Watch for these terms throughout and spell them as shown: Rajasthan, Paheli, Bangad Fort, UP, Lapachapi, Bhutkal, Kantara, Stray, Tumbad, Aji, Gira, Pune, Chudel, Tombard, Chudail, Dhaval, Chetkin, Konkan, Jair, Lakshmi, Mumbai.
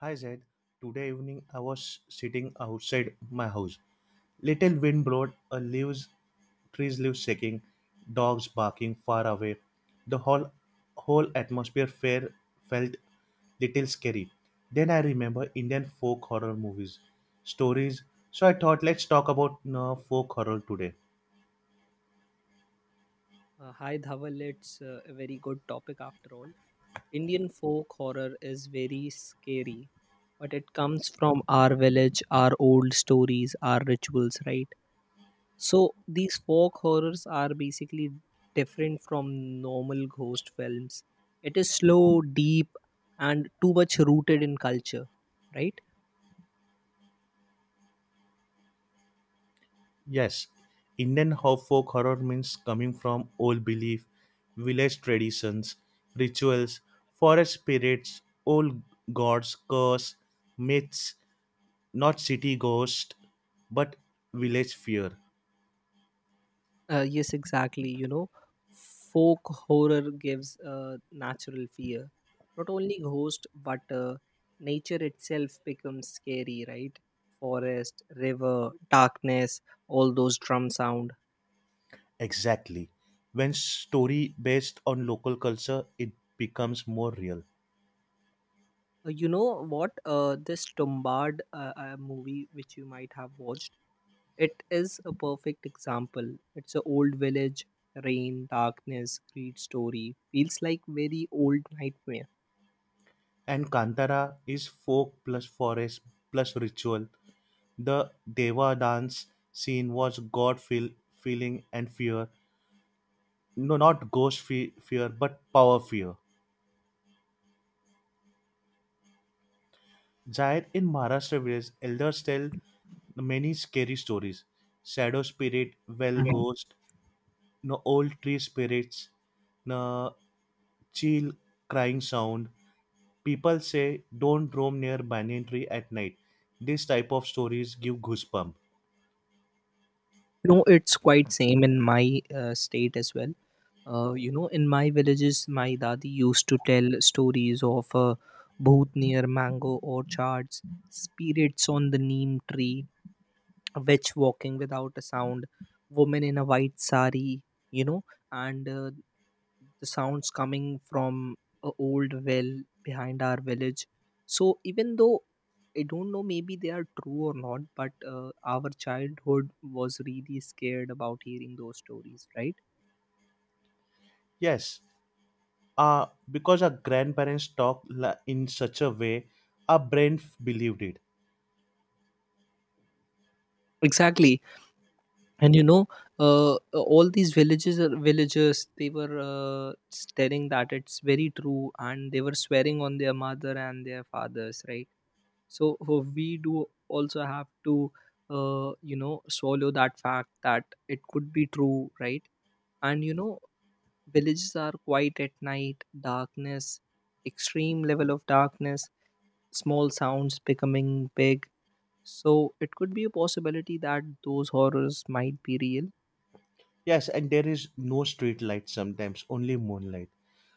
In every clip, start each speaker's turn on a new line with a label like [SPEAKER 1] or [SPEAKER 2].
[SPEAKER 1] Hi Zaid, today evening I was sitting outside my house. Little wind blowed, a leaves, trees leaves shaking, dogs barking far away. The whole atmosphere fair felt little scary. Then I remember Indian folk horror movies, stories. So I thought let's talk about folk horror today.
[SPEAKER 2] Hi Dhaval, it's a very good topic after all. Indian folk horror is very scary, but it comes from our village, our old stories, our rituals, right? So these folk horrors are basically different from normal ghost films. It is slow, deep, and too much rooted in culture, right?
[SPEAKER 1] Yes, Indian folk horror means coming from old belief, village traditions, rituals, forest spirits, old gods, curse, myths, not city ghost, but village fear.
[SPEAKER 2] Yes, exactly. You know, folk horror gives natural fear. Not only ghost, but nature itself becomes scary, right? Forest, river, darkness, all those drum sound.
[SPEAKER 1] Exactly. When story based on local culture, it becomes more real.
[SPEAKER 2] You know what? This Tombard movie, which you might have watched, it is a perfect example. It's an old village, rain, darkness, greed story. Feels like very old nightmare
[SPEAKER 1] And Kantara is folk plus forest plus ritual. The Deva dance scene was God feeling and fear, no, not ghost fear, but power fear. Jair in Maharashtra village, elders tell many scary stories. Shadow spirit, well ghost, no old tree spirits, no chill crying sound. People say don't roam near banyan tree at night. This type of stories give goosebump.
[SPEAKER 2] you know It's quite same in my state as well. You know, in my villages, my dadi used to tell stories of bhoot near mango orchards, spirits on the neem tree, a witch walking without a sound, woman in a white sari, you know, and the sounds coming from a old well behind our village. So even though I don't know maybe they are true or not, but our childhood was really scared about hearing those stories, right?
[SPEAKER 1] Yes, because our grandparents talked in such a way, our brain believed it.
[SPEAKER 2] Exactly. And you know, uh, all these villagers, they were telling that it's very true, and they were swearing on their mother and their fathers, right? So we do also have to you know, swallow that fact that it could be true, right? And you know, villages are quiet at night, darkness, extreme level of darkness, small sounds becoming big. So it could be a possibility that those horrors might be real.
[SPEAKER 1] Yes, and there is no street light sometimes, only moonlight.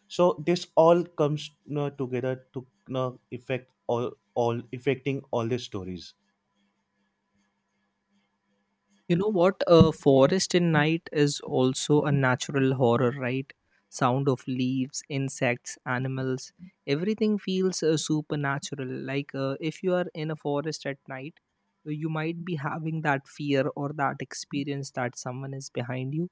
[SPEAKER 1] So this all comes, together to, affect all affecting all the stories.
[SPEAKER 2] You know what? A forest in night is also a natural horror, right? Sound of leaves, insects, animals, everything feels supernatural. Like if you are in a forest at night, you might be having that fear or that experience that someone is behind you.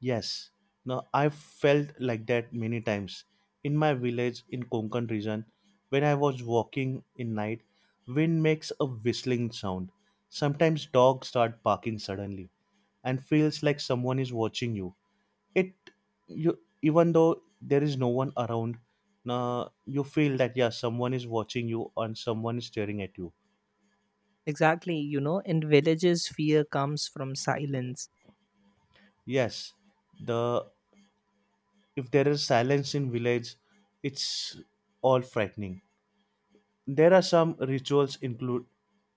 [SPEAKER 1] Yes, now I've felt like that many times in my village in Konkan region. When I was walking in night, wind makes a whistling sound. Sometimes dogs start barking suddenly, and feels like someone is watching you. it you, even though there is no one around, you feel that, yeah, someone is watching you and someone is staring at you.
[SPEAKER 2] Exactly. You know, in villages, fear comes from silence.
[SPEAKER 1] Yes, the if there is silence in village, it's all frightening. There are some rituals include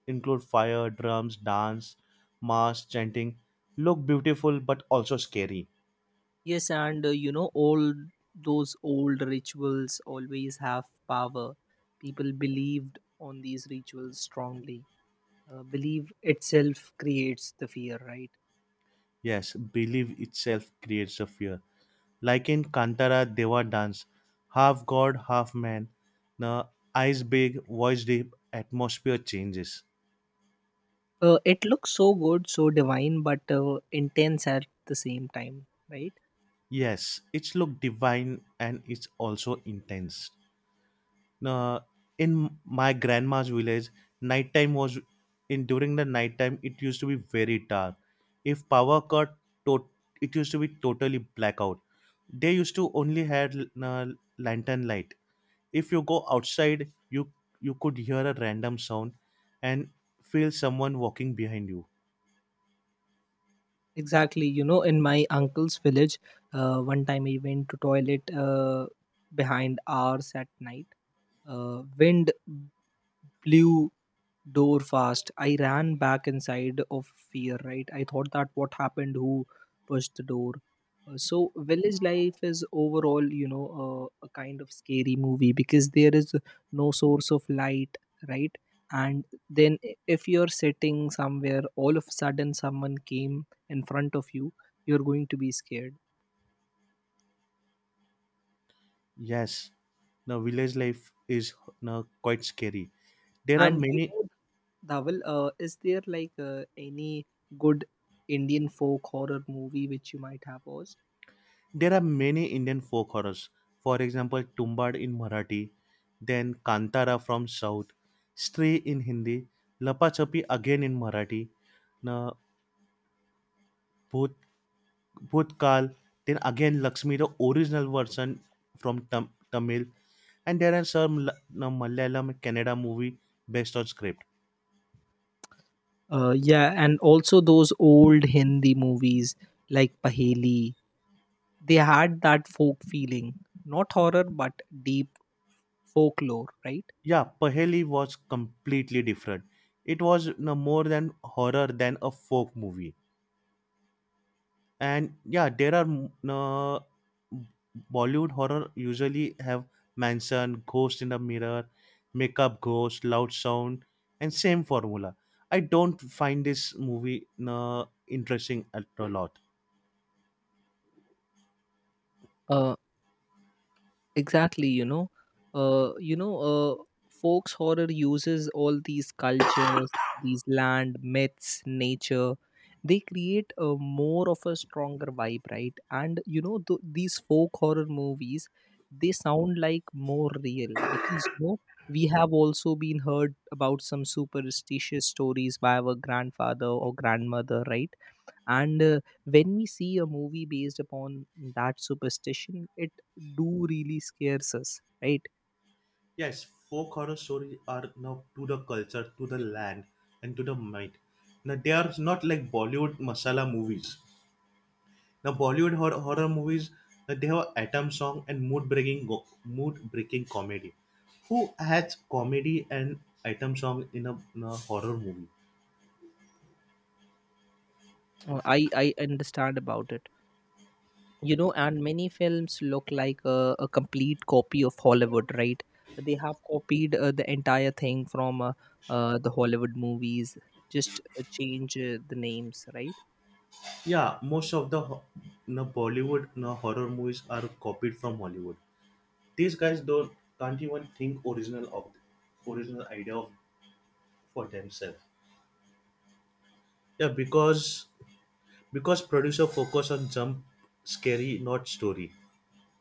[SPEAKER 1] include fire drums dance, mass chanting, look beautiful but also scary.
[SPEAKER 2] Yes, and you know, all those old rituals always have power. People believed on these rituals strongly. Belief itself creates the fear, right?
[SPEAKER 1] Yes, belief itself creates a fear, like in Kantara Deva dance, half god, half man, the eyes big, voice deep, atmosphere changes.
[SPEAKER 2] It looks so good, so divine, but intense at the same time, right?
[SPEAKER 1] Yes, it's look divine and it's also intense. Now, in my grandma's village, nighttime was in during the nighttime it used to be very dark. If power cut, tot it used to be totally blackout. They used to only had uh, lantern light. If you go outside, you could hear a random sound and feel someone walking behind you.
[SPEAKER 2] Exactly. You know, in my uncle's village, one time he went to toilet behind hours at night. Wind blew door fast. I ran back inside of fear, right? I thought that what happened, who pushed the door. So, village life is overall, you know, a kind of scary movie because there is no source of light, right? And then, if you're sitting somewhere, all of a sudden someone came in front of you, you're going to be scared.
[SPEAKER 1] Yes, now village life is now quite scary. there are
[SPEAKER 2] And, you
[SPEAKER 1] many
[SPEAKER 2] know, Dhaval, is there like any good Indian folk horror movie which you might have watched?
[SPEAKER 1] there are many Indian folk horrors. For example, Tumbad in Marathi, then Kantara from south, Stray in Hindi, Lapachapi again in Marathi, now Bhutkal, then again Lakshmi, the original version from Tamil, and there are some no, Malayalam and Kannada movie based on script.
[SPEAKER 2] Yeah, and also those old Hindi movies like Paheli, they had that folk feeling, not horror but deep folklore, right?
[SPEAKER 1] Yeah, Paheli was completely different. It was no more than horror than a folk movie. And yeah, there are Bollywood horror usually have mansion ghost in the mirror, makeup ghost, loud sound, and same formula. I don't find this movie interesting at a lot.
[SPEAKER 2] Uh, exactly. You know, folks horror uses all these cultures, these land myths, nature. They create a more of a stronger vibe, right? And you know, these folk horror movies, they sound like more real, because you know, we have also been heard about some superstitious stories by our grandfather or grandmother, right? And when we see a movie based upon that superstition, it do really scares us, right?
[SPEAKER 1] Yes, folk horror stories are now to the culture, to the land, and to the mind. Now they are not like Bollywood masala movies. Now Bollywood horror movies, they have atom song and mood breaking comedy. Who adds comedy and item song in a horror movie?
[SPEAKER 2] I understand about it. You know, and many films look like a complete copy of Hollywood, right? They have copied the entire thing from the Hollywood movies, just change the names, right?
[SPEAKER 1] Yeah, most of the Bollywood, horror movies are copied from Hollywood. These guys don't can't even think original idea of, for themselves. Yeah, because producer focus on jump scary, not story.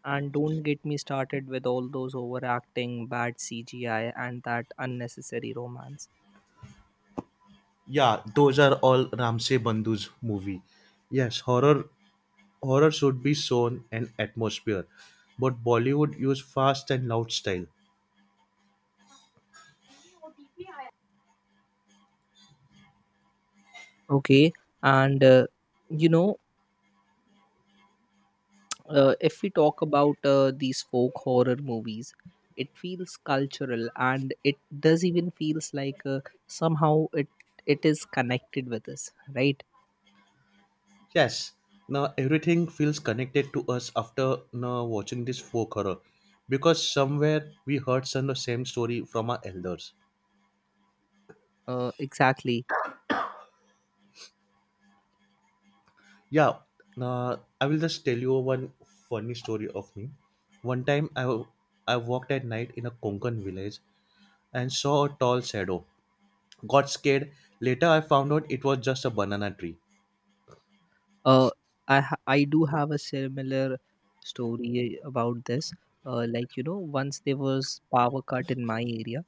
[SPEAKER 2] And don't get me started with all those overacting, bad CGI, and that unnecessary romance.
[SPEAKER 1] Yeah, those are all Ramse Bandhu's movie. Yes, Horror should be shown an atmosphere, but Bollywood used fast and loud style.
[SPEAKER 2] Okay, and you know, if we talk about these folk horror movies, it feels cultural, and it does even feels like somehow it is connected with us, right?
[SPEAKER 1] Yes, now everything feels connected to us after now watching this folk horror, because somewhere we heard some the same story from our elders.
[SPEAKER 2] Exactly.
[SPEAKER 1] Yeah, now I will just tell you one funny story of me. One time I walked at night in a Konkan village and saw a tall shadow. Got scared. Later I found out it was just a banana tree.
[SPEAKER 2] Uh, i ha- i do have a similar story about this. Like you know, once there was power cut in my area.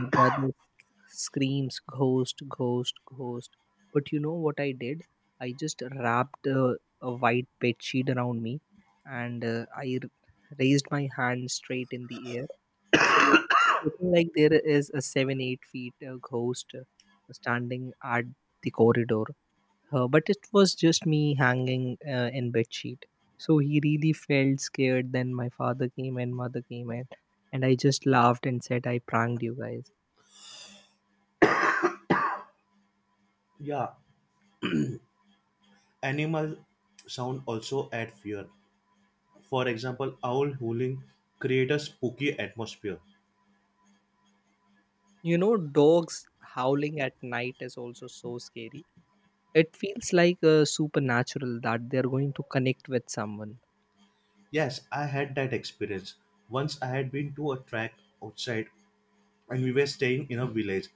[SPEAKER 2] My brother screams, ghost, ghost, ghost, but you know what I did, I just wrapped a white bed sheet around me, and raised my hand straight in the air. So it was looking like there is a 7-8 feet ghost standing at the corridor, but it was just me hanging in bed sheet. So he really felt scared. Then my father came and mother came, and I just laughed and said I pranked you guys.
[SPEAKER 1] Yeah, animal sound also add fear. For example, owl howling create a spooky atmosphere.
[SPEAKER 2] You know, dogs howling at night is also so scary. It feels like supernatural that they're going to connect with someone.
[SPEAKER 1] Yes, I had that experience. Once I had been to a track outside, and we were staying in a village,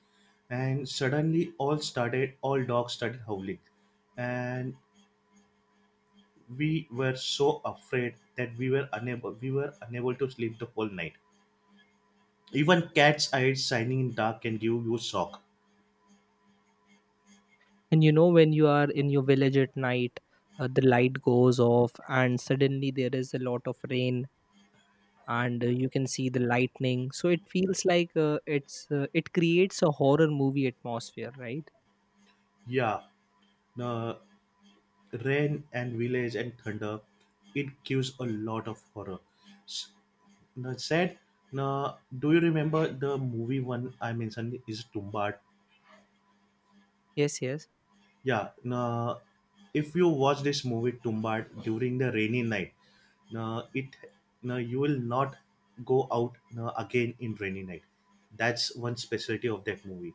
[SPEAKER 1] and suddenly all dogs started howling, and we were so afraid that we were unable to sleep the whole night. Even cat's eyes shining in dark can give you shock.
[SPEAKER 2] And you know, when you are in your village at night, the light goes off, and suddenly there is a lot of rain, and you can see the lightning. So it feels like it creates a horror movie atmosphere, right?
[SPEAKER 1] Yeah, no, rain and village and thunder, it gives a lot of horror. S- now said now do you remember the movie, one I mentioned is Tumbad?
[SPEAKER 2] Yes, yes.
[SPEAKER 1] Yeah, now if you watch this movie Tumbad during the rainy night, now it now you will not go out now again in rainy night. That's one specialty of that movie.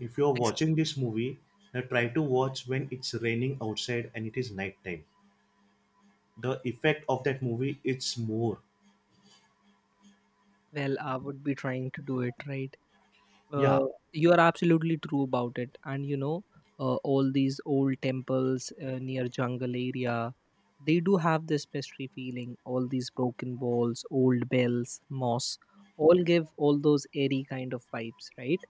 [SPEAKER 1] If you're
[SPEAKER 2] Ex-
[SPEAKER 1] watching this movie, now try to watch when it's raining outside and it is nighttime. The effect of that movie, it's more.
[SPEAKER 2] Well, I would be trying to do it, right?
[SPEAKER 1] Yeah.
[SPEAKER 2] Uh, you are absolutely true about it. And you know, all these old temples near jungle area, they do have this pestry feeling. All these broken walls, old bells, moss, all give all those airy kind of vibes, right?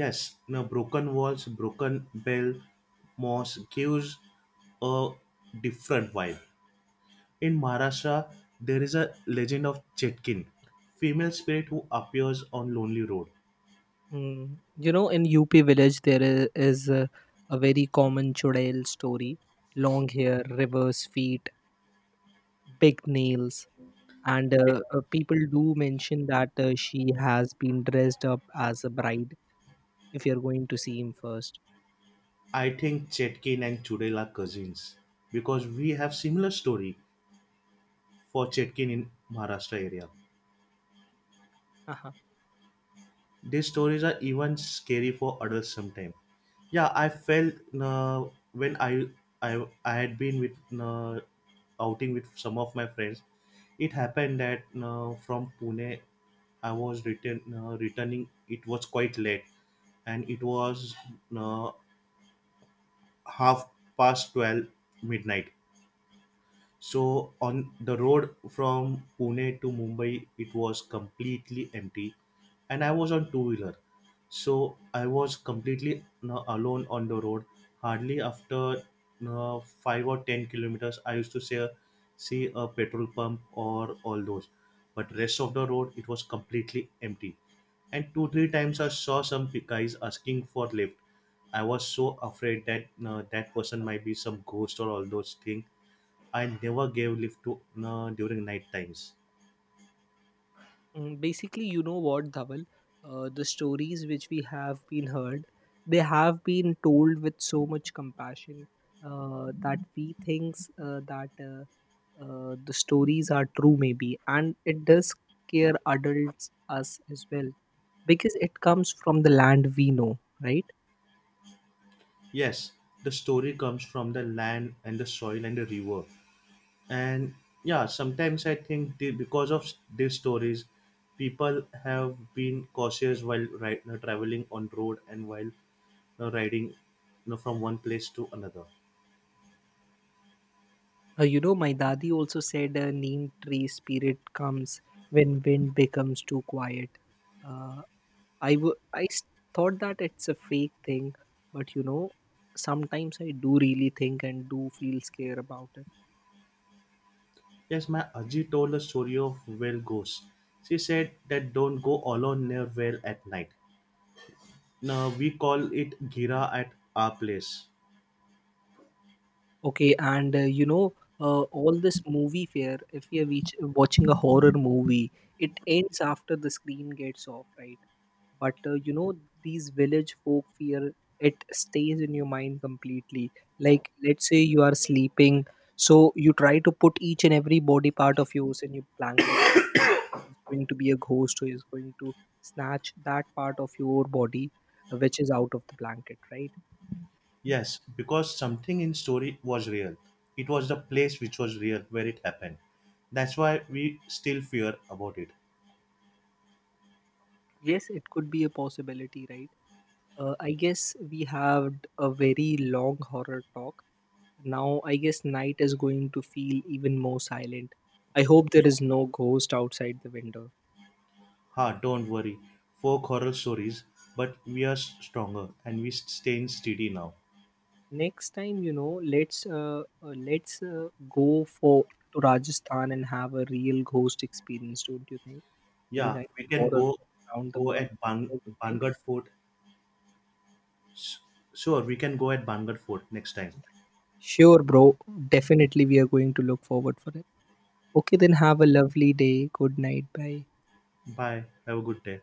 [SPEAKER 1] Yes, now broken walls, broken bell, moss gives a different vibe. In Maharashtra, there is a legend of Chetkin, female spirit who appears on lonely road.
[SPEAKER 2] Mm. You know, in UP village, there is a very common Chudail story, long hair, reverse feet, big nails. And people do mention that she has been dressed up as a bride if you're going to see him first.
[SPEAKER 1] I think Chetkin and Chudel are cousins because we have similar story for Chetkin in Maharashtra area.
[SPEAKER 2] Uh-huh.
[SPEAKER 1] These stories are even scary for adults sometimes. Yeah, I felt uh, when I had been with uh, outing with some of my friends. It happened that from Pune I was returning. It was quite late, and it was uh, half past twelve midnight. So on the road from Pune to Mumbai, it was completely empty, and I was on two wheeler. So I was completely you alone on the road. Hardly after you 5 or 10 kilometers, I used to see a petrol pump or all those. But rest of the road, it was completely empty. And two three times I saw some guys asking for lift. I was so afraid that person might be some ghost or all those things. I never gave lift to during night times.
[SPEAKER 2] Mm, basically, you know what, Dhaval? The stories which we have been heard, they have been told with so much compassion that we think that the stories are true, maybe. And it does scare adults, us as well, because it comes from the land we know, right?
[SPEAKER 1] Yes, the story comes from the land and the soil and the river. And yeah, sometimes I think because of these stories, people have been cautious while traveling on road and while riding, from one place to another.
[SPEAKER 2] You know, my daddy also said a neem tree spirit comes when wind becomes too quiet. Uh, I thought that it's a fake thing, but you know, sometimes I do really think and do feel scared about it.
[SPEAKER 1] Yes, my Aji told a story of whale ghosts. She said that don't go alone near whale at night. Now we call it Gira at our place.
[SPEAKER 2] Okay, and you know, all this movie fare, if you're watching a horror movie, it ends after the screen gets off, right? But you know, these village folk fear, it stays in your mind completely. Like, let's say you are sleeping, so you try to put each and every body part of yours in your blanket is going to be a ghost who is going to snatch that part of your body which is out of the blanket, right?
[SPEAKER 1] Yes, because something in story was real. It was the place which was real where it happened. That's why we still fear about it.
[SPEAKER 2] Yes, it could be a possibility, right? I guess we have a very long horror talk. Now, I guess night is going to feel even more silent. I hope there is no ghost outside the window.
[SPEAKER 1] Ha, don't worry. Folk horror stories, but we are stronger and we stay in steady now.
[SPEAKER 2] Next time, you know, let's go for to Rajasthan and have a real ghost experience. Don't you think? Any
[SPEAKER 1] Yeah,
[SPEAKER 2] kind of
[SPEAKER 1] we can
[SPEAKER 2] horror
[SPEAKER 1] go
[SPEAKER 2] around the
[SPEAKER 1] go
[SPEAKER 2] world,
[SPEAKER 1] at Ban-
[SPEAKER 2] don't you think?
[SPEAKER 1] Bangad Fort. S- Sure, we can go at Bangad Fort next time.
[SPEAKER 2] Sure, bro. Definitely, we are going to look forward for it. Okay, then have a lovely day. Good night. Bye.
[SPEAKER 1] Bye. Have a good day.